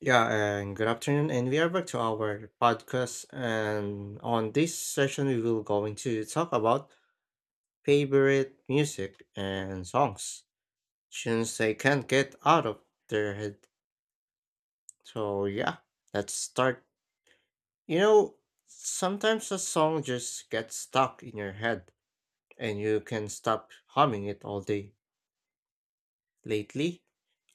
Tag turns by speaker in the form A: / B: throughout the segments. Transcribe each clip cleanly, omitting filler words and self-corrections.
A: Yeah, and good afternoon, and we are back to our podcast. And on this session, we will going to talk about favorite music and songs, tunes they can't get out of their head. So yeah, let's start. You know, Sometimes a song just gets stuck in your head, and you can stop humming it all day. Lately,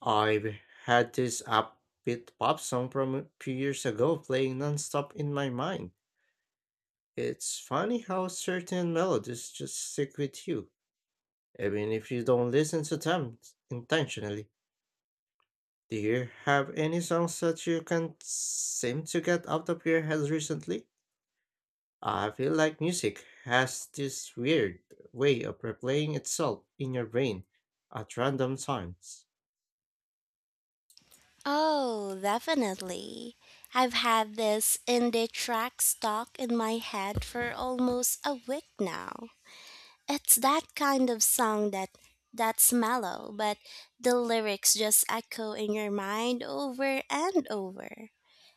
A: I've had this upbeat pop song from a few years ago playing nonstop in my mind. It's funny how certain melodies just stick with you, even if you don't listen to them intentionally. Do you have any songs that you can't seem to get out of your head recently? I feel like music has this weird way of replaying itself in your brain at random times.
B: Oh, definitely. I've had this indie track stuck in my head for almost a week now. It's that kind of song that's mellow, but the lyrics just echo in your mind over and over.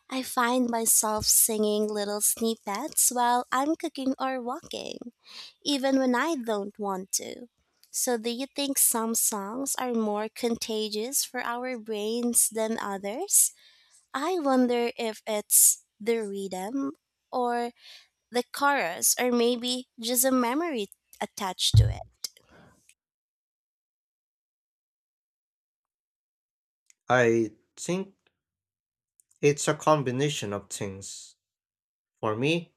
B: I find myself singing little snippets while I'm cooking or walking, even when I don't want to. So, do you think some songs are more contagious for our brains than others? I wonder if it's the rhythm or the chorus, or maybe just a memory attached to it.
A: I think it's a combination of things. For me,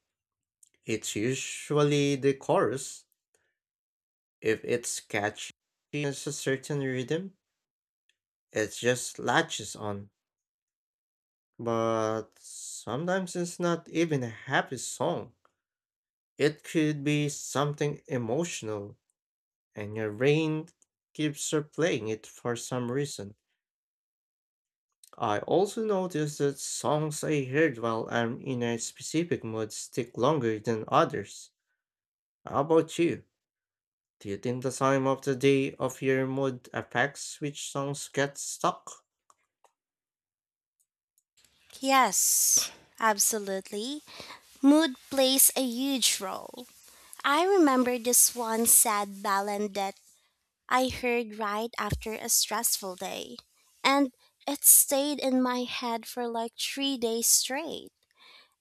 A: it's usually the chorus, if it's catchy, it's a certain rhythm. It just latches on. But sometimes it's not even a happy song. It could be something emotional, and your brain keeps replaying it for some reason. I also noticed that songs I heard while I'm in a specific mood stick longer than others. How about you? Do you think the time of the day of your mood affects which songs get stuck?
B: Yes, absolutely. Mood plays a huge role. I remember this one sad ballad that I heard right after a stressful day, and it stayed in my head for like 3 days straight.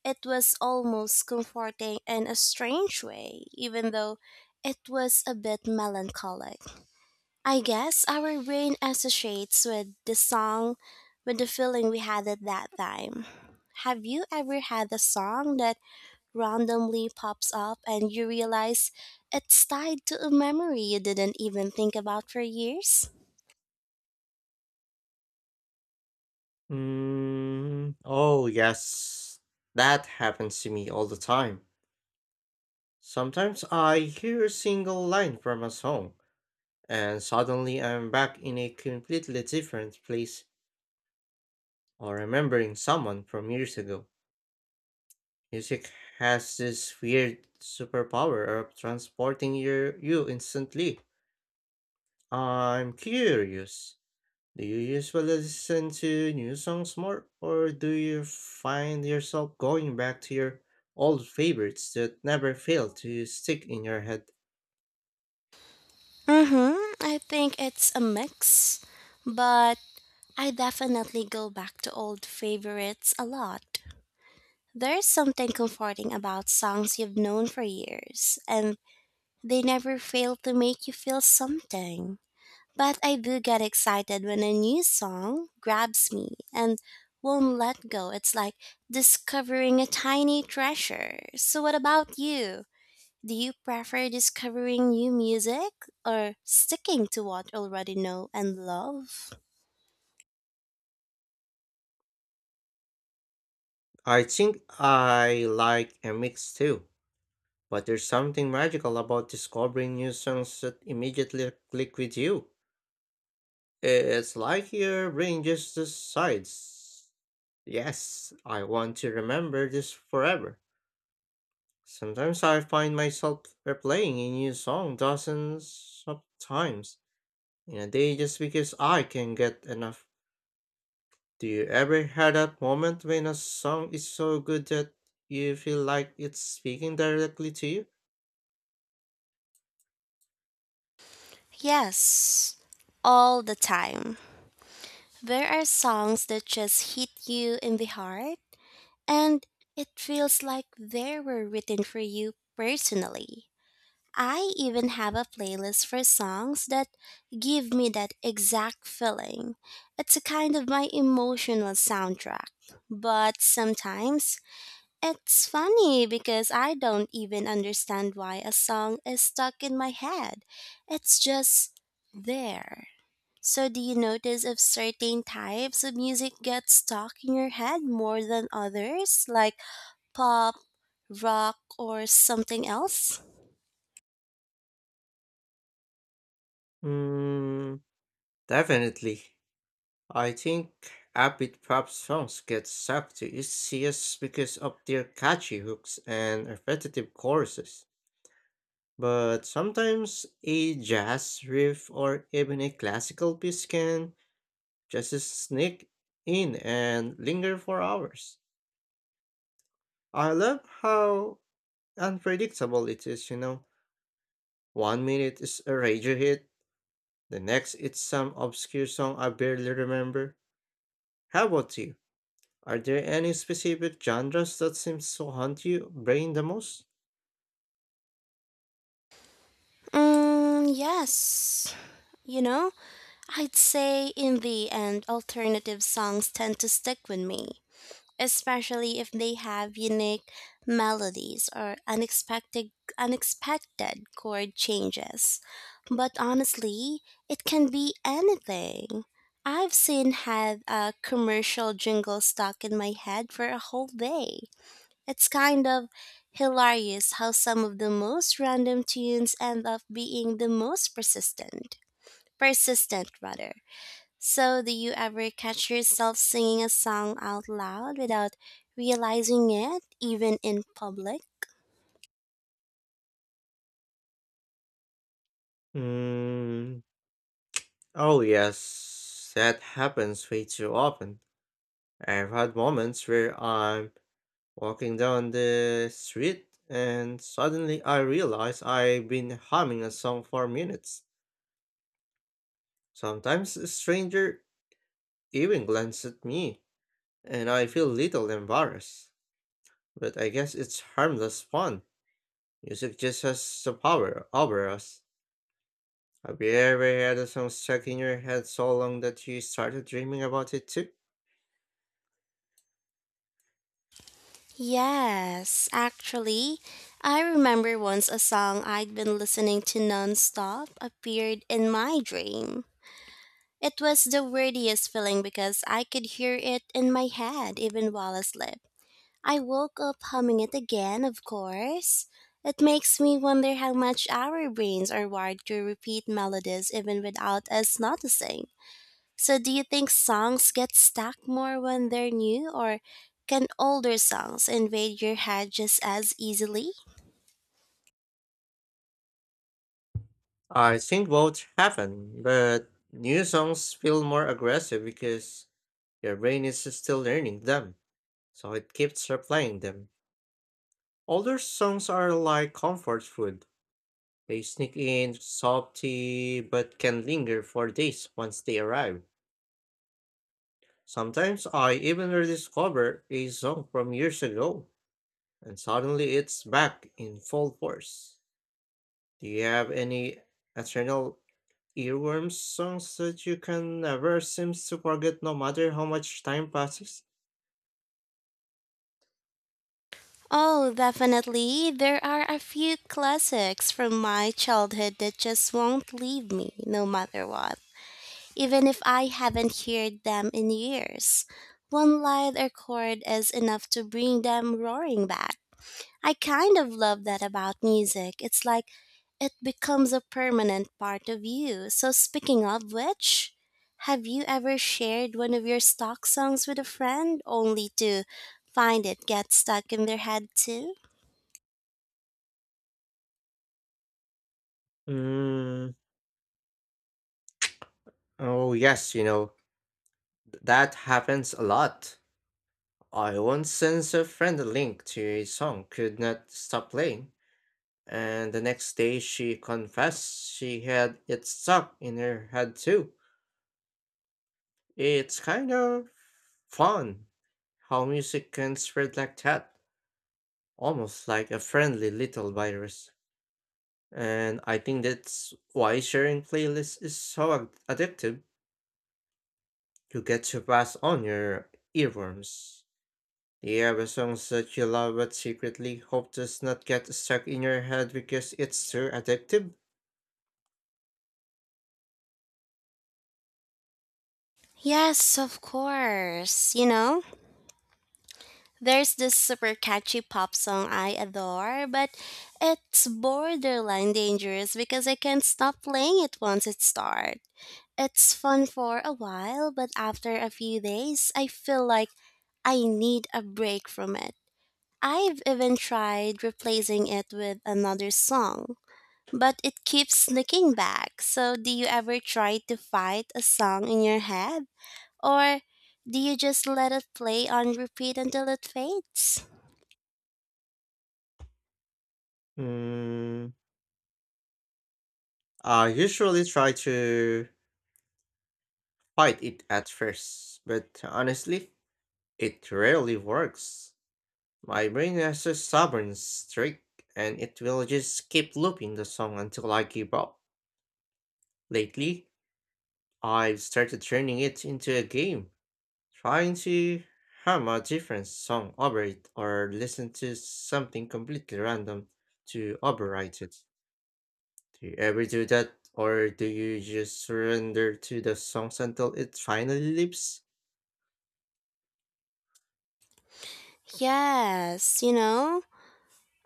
B: It was almost comforting in a strange way, even though it was a bit melancholic. I guess our brain associates with the song with the feeling we had at that time. Have you ever had a song that randomly pops up and you realize it's tied to a memory you didn't even think about for years?
A: Mm, oh, yes. That happens to me all the time. Sometimes I hear a single line from a song, and suddenly I'm back in a completely different place or remembering someone from years ago. Music has this weird superpower of transporting you instantly. I'm curious. Do you usually listen to new songs more, or do you find yourself going back to your old favorites that never fail to stick in your head?
B: Mm-hmm. I think it's a mix, but I definitely go back to old favorites a lot. There's something comforting about songs you've known for years, and they never fail to make you feel something. But I do get excited when a new song grabs me and won't let go. It's like discovering a tiny treasure. So, what about you? Do you prefer discovering new music or sticking to what you already know and love?
A: I think I like a mix too, but there's something magical about discovering new songs that immediately click with you. It's like your brain just decides, yes, I want to remember this forever. Sometimes I find myself replaying a new song dozens of times in a day just because I can get enough. Do you ever have that moment when a song is so good that you feel like it's speaking directly to you?
B: Yes, all the time. There are songs that just hit you in the heart, and it feels like they were written for you personally. I even have a playlist for songs that give me that exact feeling. It's a kind of my emotional soundtrack. But sometimes it's funny because I don't even understand why a song is stuck in my head. It's just there. So, do you notice if certain types of music get stuck in your head more than others, like pop, rock, or something else?
A: Mm, definitely. I think upbeat pop songs get sucked to ECS because of their catchy hooks and repetitive choruses. But sometimes a jazz riff or even a classical piece can just sneak in and linger for hours. I love how unpredictable it is. One minute is a radio hit, the next it's some obscure song I barely remember. How about you? Are there any specific genres that seems to haunt your brain the most?
B: Mm, yes. You know, I'd say in the end, alternative songs tend to stick with me, especially if they have unique melodies or unexpected chord changes. But honestly, it can be anything. I've seen had a commercial jingle stuck in my head for a whole day. It's kind of hilarious how some of the most random tunes end up being the most persistent. Persistent rather. So, do you ever catch yourself singing a song out loud without realizing it, even in public?
A: Hmm. Oh yes, that happens way too often. I've had moments where I'm walking down the street and suddenly I realize I've been humming a song for minutes. Sometimes a stranger even glances at me, and I feel little embarrassed. But I guess it's harmless fun. Music just has the power over us. Have you ever had a song stuck in your head so long that you started dreaming about it too?
B: Yes, actually, I remember once a song I'd been listening to nonstop appeared in my dream. It was the weirdest feeling because I could hear it in my head even while asleep. I woke up humming it again, of course. It makes me wonder how much our brains are wired to repeat melodies even without us noticing. So, do you think songs get stuck more when they're new, or can older songs invade your head just as easily?
A: I think both happen, but new songs feel more aggressive because your brain is still learning them, so it keeps replaying them. Older songs are like comfort food. They sneak in softly but can linger for days once they arrive. Sometimes I even rediscover a song from years ago, and suddenly it's back in full force. Do you have any eternal earworms, songs that you can never seem to forget no matter how much time passes?
B: Oh, definitely. There are a few classics from my childhood that just won't leave me, no matter what, even if I haven't heard them in years. One light or chord is enough to bring them roaring back. I kind of love that about music. It's like it becomes a permanent part of you. So, speaking of which, have you ever shared one of your stock songs with a friend only to find it get stuck in their head too?
A: Mm, oh yes, that happens a lot. I once sent a friend a link to a song, could not stop playing, and the next day she confessed she had it stuck in her head too. It's kind of fun how music can spread like that, almost like a friendly little virus. And I think that's why sharing playlists is so addictive. You get to pass on your earworms. The are the songs that you love but secretly hope does not get stuck in your head because it's too addictive.
B: Yes, of course. You know, there's this super catchy pop song I adore, but it's borderline dangerous because I can't stop playing it once it starts. It's fun for a while, but after a few days, I feel like I need a break from it. I've even tried replacing it with another song, but it keeps sneaking back. So, do you ever try to fight a song in your head? Or do you just let it play on repeat until it fades?
A: Mm, I usually try to fight it at first, but honestly, it rarely works. My brain has a stubborn streak, and it will just keep looping the song until I give up. Lately, I've started turning it into a game, trying to hum a different song over it or listen to something completely random to overwrite it. Do you ever do that, or do you just surrender to the songs until it finally leaps?
B: Yes, you know,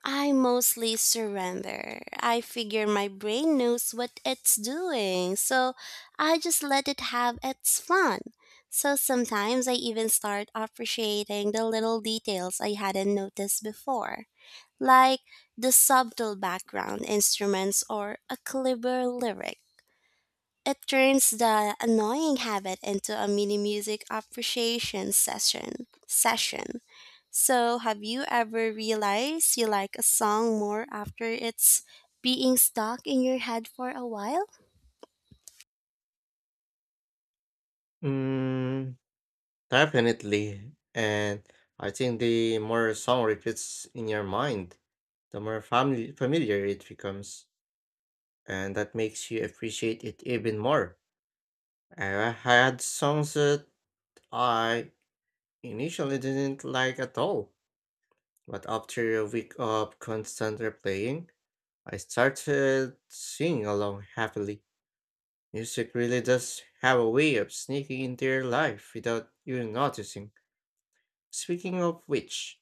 B: I mostly surrender. I figure my brain knows what it's doing, so I just let it have its fun. So sometimes I even start appreciating the little details I hadn't noticed before, like the subtle background instruments or a clever lyric. It turns the annoying habit into a mini music appreciation session. So, have you ever realized you like a song more after it's being stuck in your head for a while?
A: Mm, definitely. And I think the more a song repeats in your mind, the more family familiar it becomes, and that makes you appreciate it even more. I had songs that I initially didn't like at all, but after a week of constant replaying, I started singing along happily. Music really does have a way of sneaking into your life without you noticing. Speaking of which,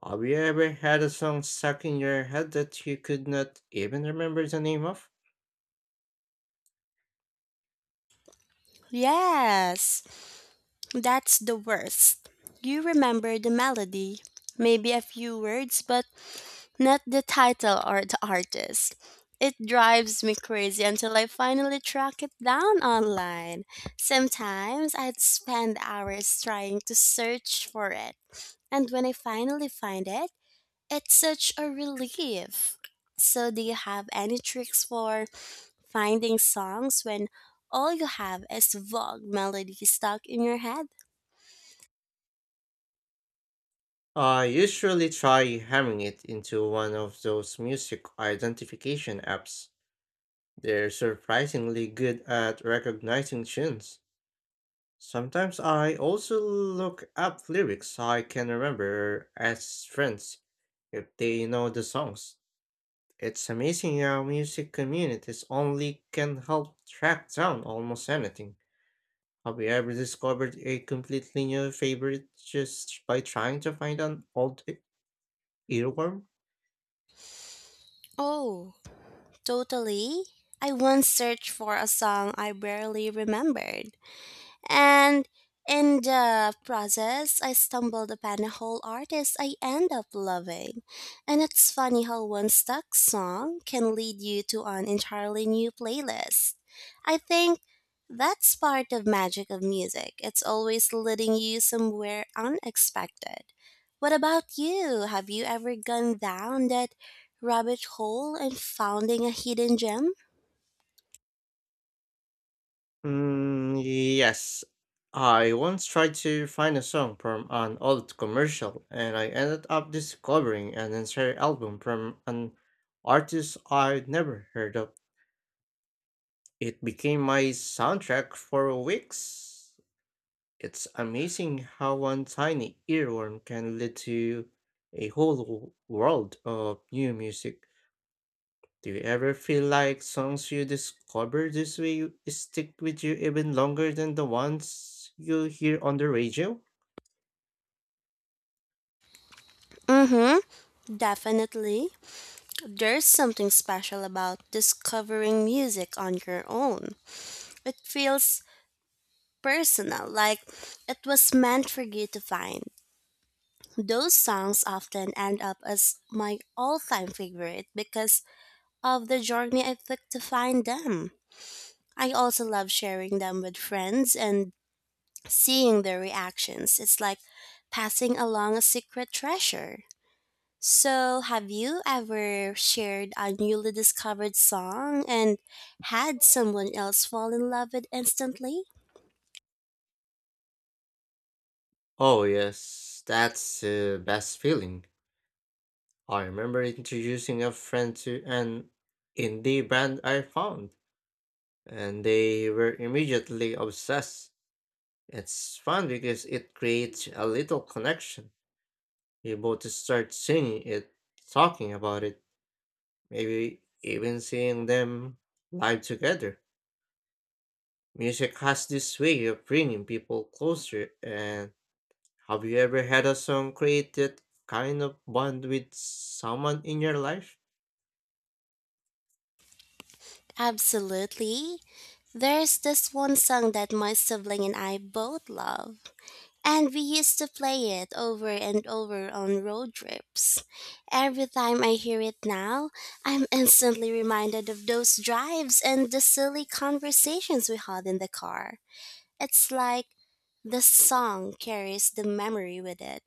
A: have you ever had a song stuck in your head that you could not even remember the name of?
B: Yes, that's the worst. You remember the melody, maybe a few words, but not the title or the artist. It drives me crazy until I finally track it down online. Sometimes I'd spend hours trying to search for it, and when I finally find it, it's such a relief. So, do you have any tricks for finding songs when all you have is vague melodies stuck in your head?
A: I usually try hamming it into one of those music identification apps. They're surprisingly good at recognizing tunes. Sometimes I also look up lyrics I can remember as friends if they know the songs. It's amazing how music communities only can help track down almost anything. Have you ever discovered a completely new favorite just by trying to find an old earworm?
B: Oh, totally. I once searched for a song I barely remembered, and in the process, I stumbled upon a whole artist I end up loving. And it's funny how one stuck song can lead you to an entirely new playlist. I think that's part of magic of music. It's always leading you somewhere unexpected. What about you? Have you ever gone down that rabbit hole and founding a hidden gem?
A: Mm, yes. I once tried to find a song from an old commercial, and I ended up discovering an entire album from an artist I'd never heard of. It became my soundtrack for weeks. It's amazing how one tiny earworm can lead to a whole world of new music. Do you ever feel like songs you discover this way stick with you even longer than the ones you hear on the radio?
B: Mm-hmm, definitely. There's something special about discovering music on your own. It feels personal, like it was meant for you to find. Those songs often end up as my all time favorite because of the journey I took to find them. I also love sharing them with friends and seeing their reactions. It's like passing along a secret treasure. So, have you ever shared a newly discovered song and had someone else fall in love with instantly?
A: Oh, yes, that's the best feeling. I remember introducing a friend to an indie band I found, and they were immediately obsessed. It's fun because it creates a little connection. You both start singing it, talking about it, maybe even seeing them live together. Music has this way of bringing people closer, and have you ever had a song create that kind of bond with someone in your life?
B: Absolutely. There's this one song that my sibling and I both love, and we used to play it over and over on road trips. Every time I hear it now, I'm instantly reminded of those drives and the silly conversations we had in the car. It's like the song carries the memory with it.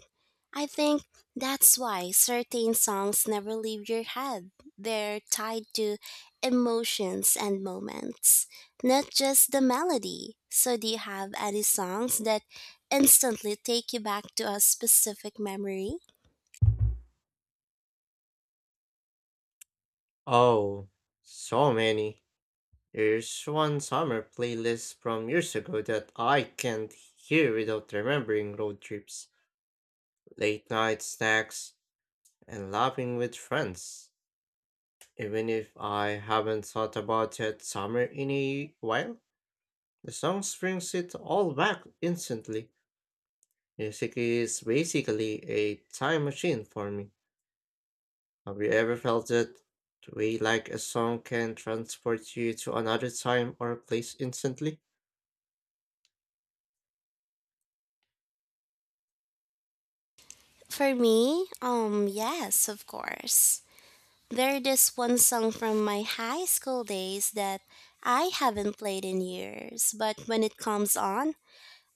B: I think that's why certain songs never leave your head. They're tied to emotions and moments, not just the melody. So, do you have any songs that instantly take you back to a specific memory?
A: Oh, so many. There's one summer playlist from years ago that I can't hear without remembering road trips, late night snacks, and laughing with friends. Even if I haven't thought about that summer in a while, the song brings it all back instantly. Music is basically a time machine for me. Have you ever felt that way like a song can transport you to another time or place instantly?
B: For me, yes, of course. There this one song from my high school days that I haven't played in years, but when it comes on,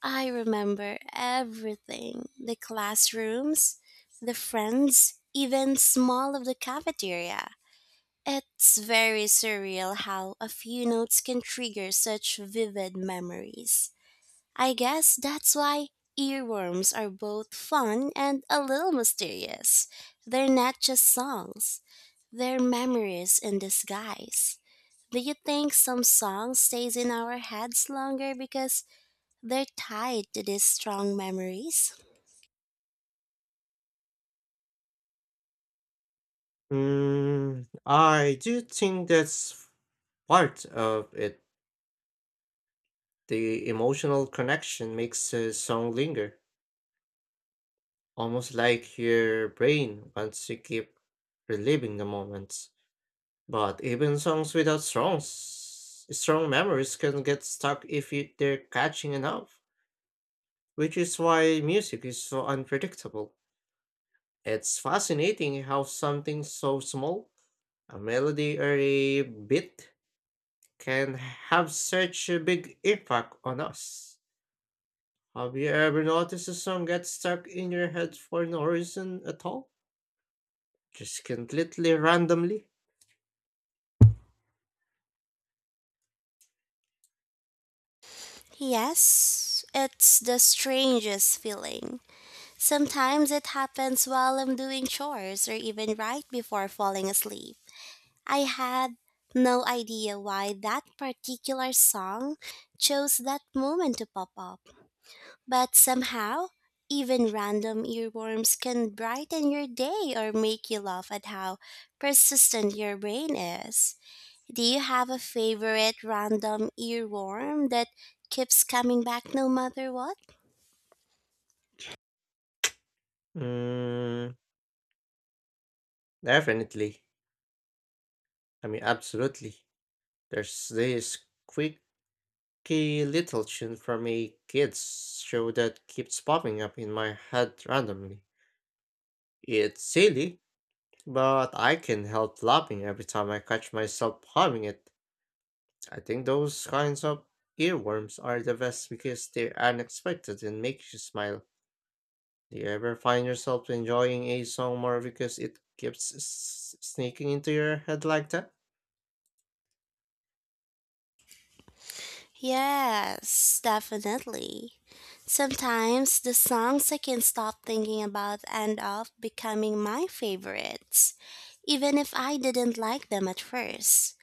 B: I remember everything. The classrooms, the friends, even small of the cafeteria. It's very surreal how a few notes can trigger such vivid memories. I guess that's why earworms are both fun and a little mysterious. They're not just songs, they're memories in disguise. Do you think some song stays in our heads longer because they're tied to these strong memories?
A: Mm, I do think that's part of it. The emotional connection makes a song linger, almost like your brain wants to keep reliving the moments. But even songs without strong memories can get stuck if they're catching enough. Which is why music is so unpredictable. It's fascinating how something so small, a melody or a beat, can have such a big impact on us. Have you ever noticed a song get stuck in your head for no reason at all? Just completely randomly?
B: Yes, it's the strangest feeling. Sometimes it happens while I'm doing chores or even right before falling asleep. I had no idea why that particular song chose that moment to pop up, but somehow, even random earworms can brighten your day or make you laugh at how persistent your brain is. Do you have a favorite random earworm that keeps coming back no matter what?
A: Mm, definitely. I mean, absolutely. There's this quirky little tune from a kids show that keeps popping up in my head randomly. It's silly, but I can help laughing every time I catch myself humming it. I think those kinds of earworms are the best because they're unexpected and make you smile. Do you ever find yourself enjoying a song more because it keeps sneaking into your head like that?
B: Yes, definitely. Sometimes the songs I can't stop thinking about end up becoming my favorites, even if I didn't like them at first.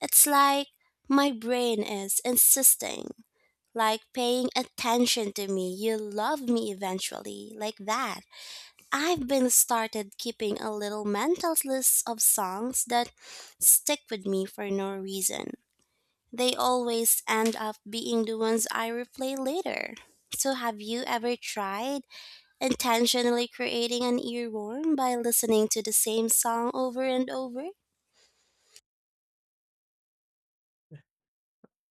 B: It's like my brain is insisting, like paying attention to me, you love me eventually, like that. I've been started keeping a little mental list of songs that stick with me for no reason they always end up being the ones I replay later. So, have you ever tried intentionally creating an earworm by listening to the same song over and over?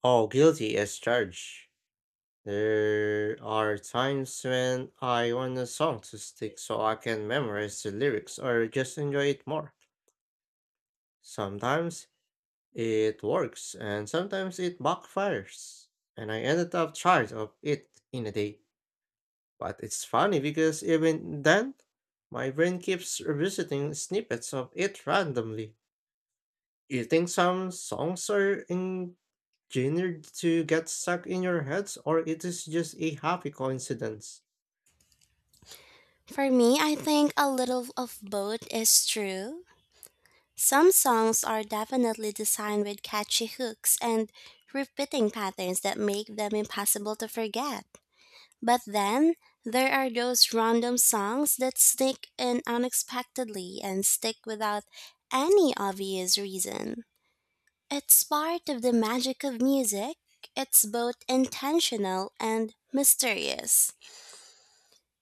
A: Oh, guilty as charged. There are times when I want a song to stick so I can memorize the lyrics or just enjoy it more. Sometimes it works, and sometimes it backfires. And I ended up tired of it in a day. But it's funny because even then, my brain keeps revisiting snippets of it randomly. You think some songs are engineered to get stuck in your heads, or it is just a happy coincidence?
B: For me, I think a little of both is true. Some songs are definitely designed with catchy hooks and repeating patterns that make them impossible to forget. But then there are those random songs that sneak in unexpectedly and stick without any obvious reason. It's part of the magic of music. It's both intentional and mysterious.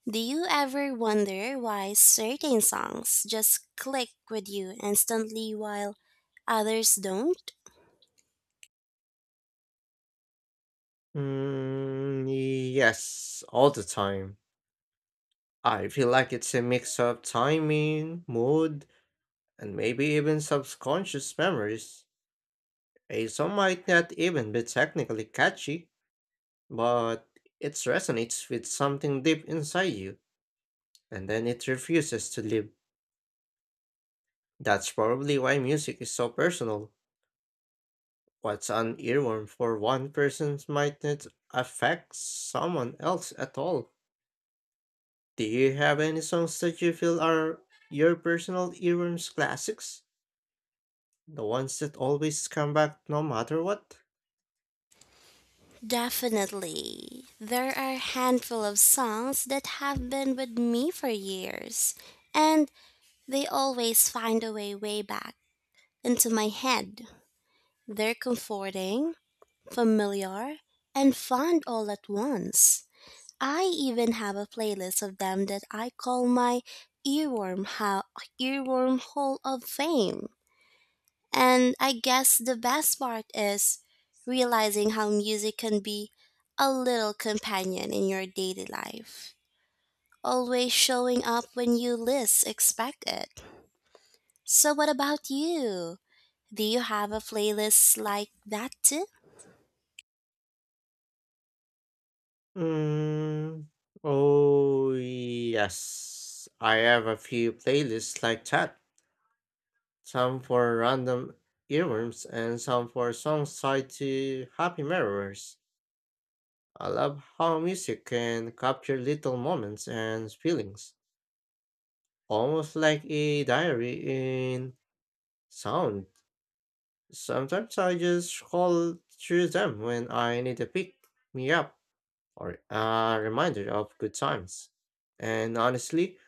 B: Do you ever wonder why certain songs just click with you instantly while others don't?
A: Mm, yes, all the time. I feel like it's a mix of timing, mood, and maybe even subconscious memories. A song might not even be technically catchy, but it resonates with something deep inside you, and then it refuses to leave. That's probably why music is so personal. What's an earworm for one person might not affect someone else at all. Do you have any songs that you feel are your personal earworms classics? The ones that always come back no matter what?
B: Definitely. There are a handful of songs that have been with me for years. And they always find a way back into my head. They're comforting, familiar, and fun all at once. I even have a playlist of them that I call my earworm ho- earworm hall of fame. And I guess the best part is realizing how music can be a little companion in your daily life, always showing up when you least expect it. So what about you? Do you have a playlist like that too?
A: Mm, oh, yes. I have a few playlists like that, some for random earworms and some for songs tied to happy memories. I love how music can capture little moments and feelings, almost like a diary in sound. Sometimes I just scroll through them when I need a pick me up or a reminder of good times. And honestly,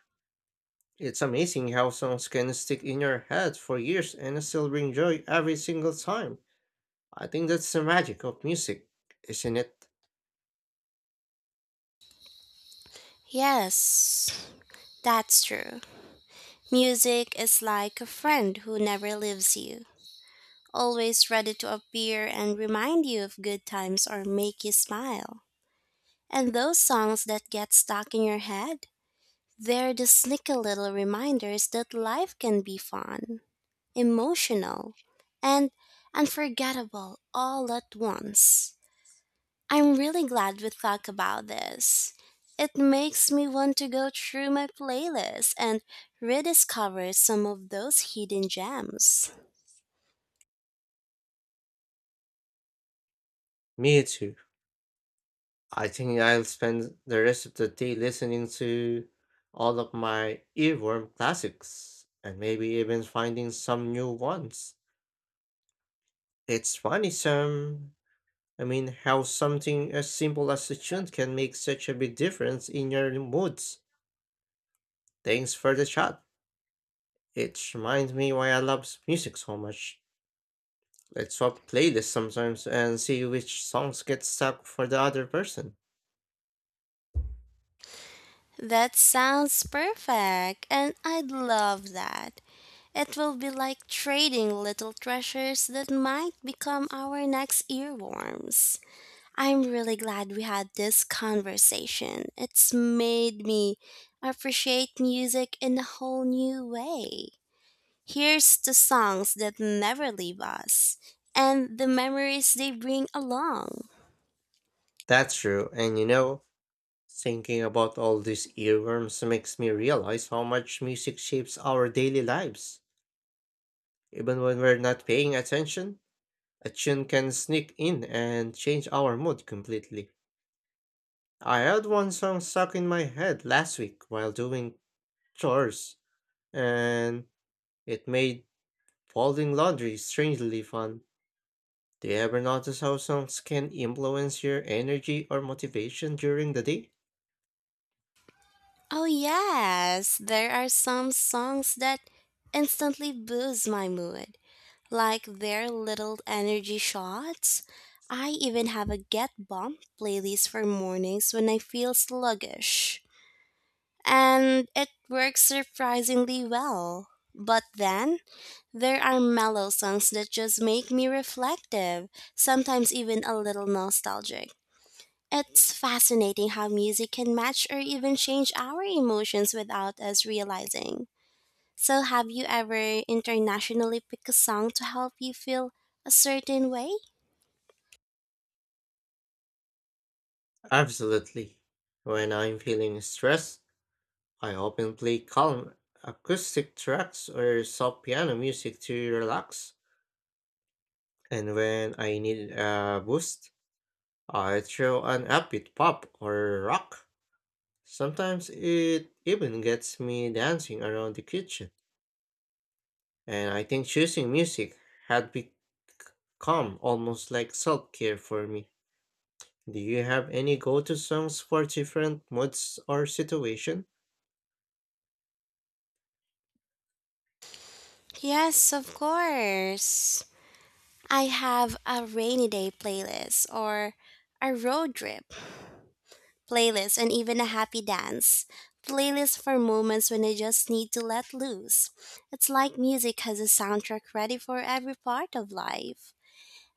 A: it's amazing how songs can stick in your head for years and still bring joy every single time. I think that's the magic of music, isn't it?
B: Yes, that's true. Music is like a friend who never leaves you, always ready to appear and remind you of good times or make you smile. And those songs that get stuck in your head, they're the sneaky little reminders that life can be fun, emotional, and unforgettable all at once. I'm really glad we talked about this. It makes me want to go through my playlist and rediscover some of those hidden gems.
A: Me too. I think I'll spend the rest of the day listening to all of my earworm classics and maybe even finding some new ones. It's funny, some. I mean, how something as simple as a tune can make such a big difference in your moods. Thanks for the chat. It reminds me why I love music so much. Let's swap playlists sometimes and see which songs get stuck for the other person.
B: That sounds perfect, and I'd love that. It will be like trading little treasures that might become our next earworms. I'm really glad we had this conversation. It's made me appreciate music in a whole new way. Here's the songs that never leave us and the memories they bring along.
A: That's true, and thinking about all these earworms makes me realize how much music shapes our daily lives. Even when we're not paying attention, a tune can sneak in and change our mood completely. I had one song stuck in my head last week while doing chores, and it made folding laundry strangely fun. Do you ever notice how songs can influence your energy or motivation during the day?
B: Oh, yes, there are some songs that instantly boost my mood, like their little energy shots. I even have a Get Bump playlist for mornings when I feel sluggish, and it works surprisingly well. But then, there are mellow songs that just make me reflective, sometimes even a little nostalgic. It's fascinating how music can match or even change our emotions without us realizing. So, have you ever internationally picked a song to help you feel a certain way?
A: Absolutely. When I'm feeling stressed, I often play calm acoustic tracks or soft piano music to relax. And when I need a boost, I throw an upbeat pop or rock. Sometimes it even gets me dancing around the kitchen. And I think choosing music had become almost like self care for me. Do you have any go-to songs for different moods or situation?
B: Yes, of course. I have a rainy day playlist or a road trip playlists, and even a happy dance. Playlists for moments when I just need to let loose. It's like music has a soundtrack ready for every part of life.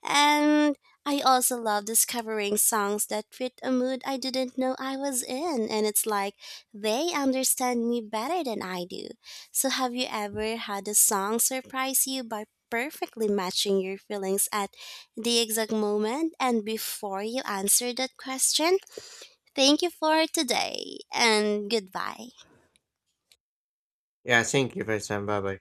B: And I also love discovering songs that fit a mood I didn't know I was in. And it's like they understand me better than I do. So, have you ever had a song surprise you by perfectly matching your feelings at the exact moment and before you answer that question? Thank you for today and goodbye.
A: Yeah, thank you for your time. Bye bye.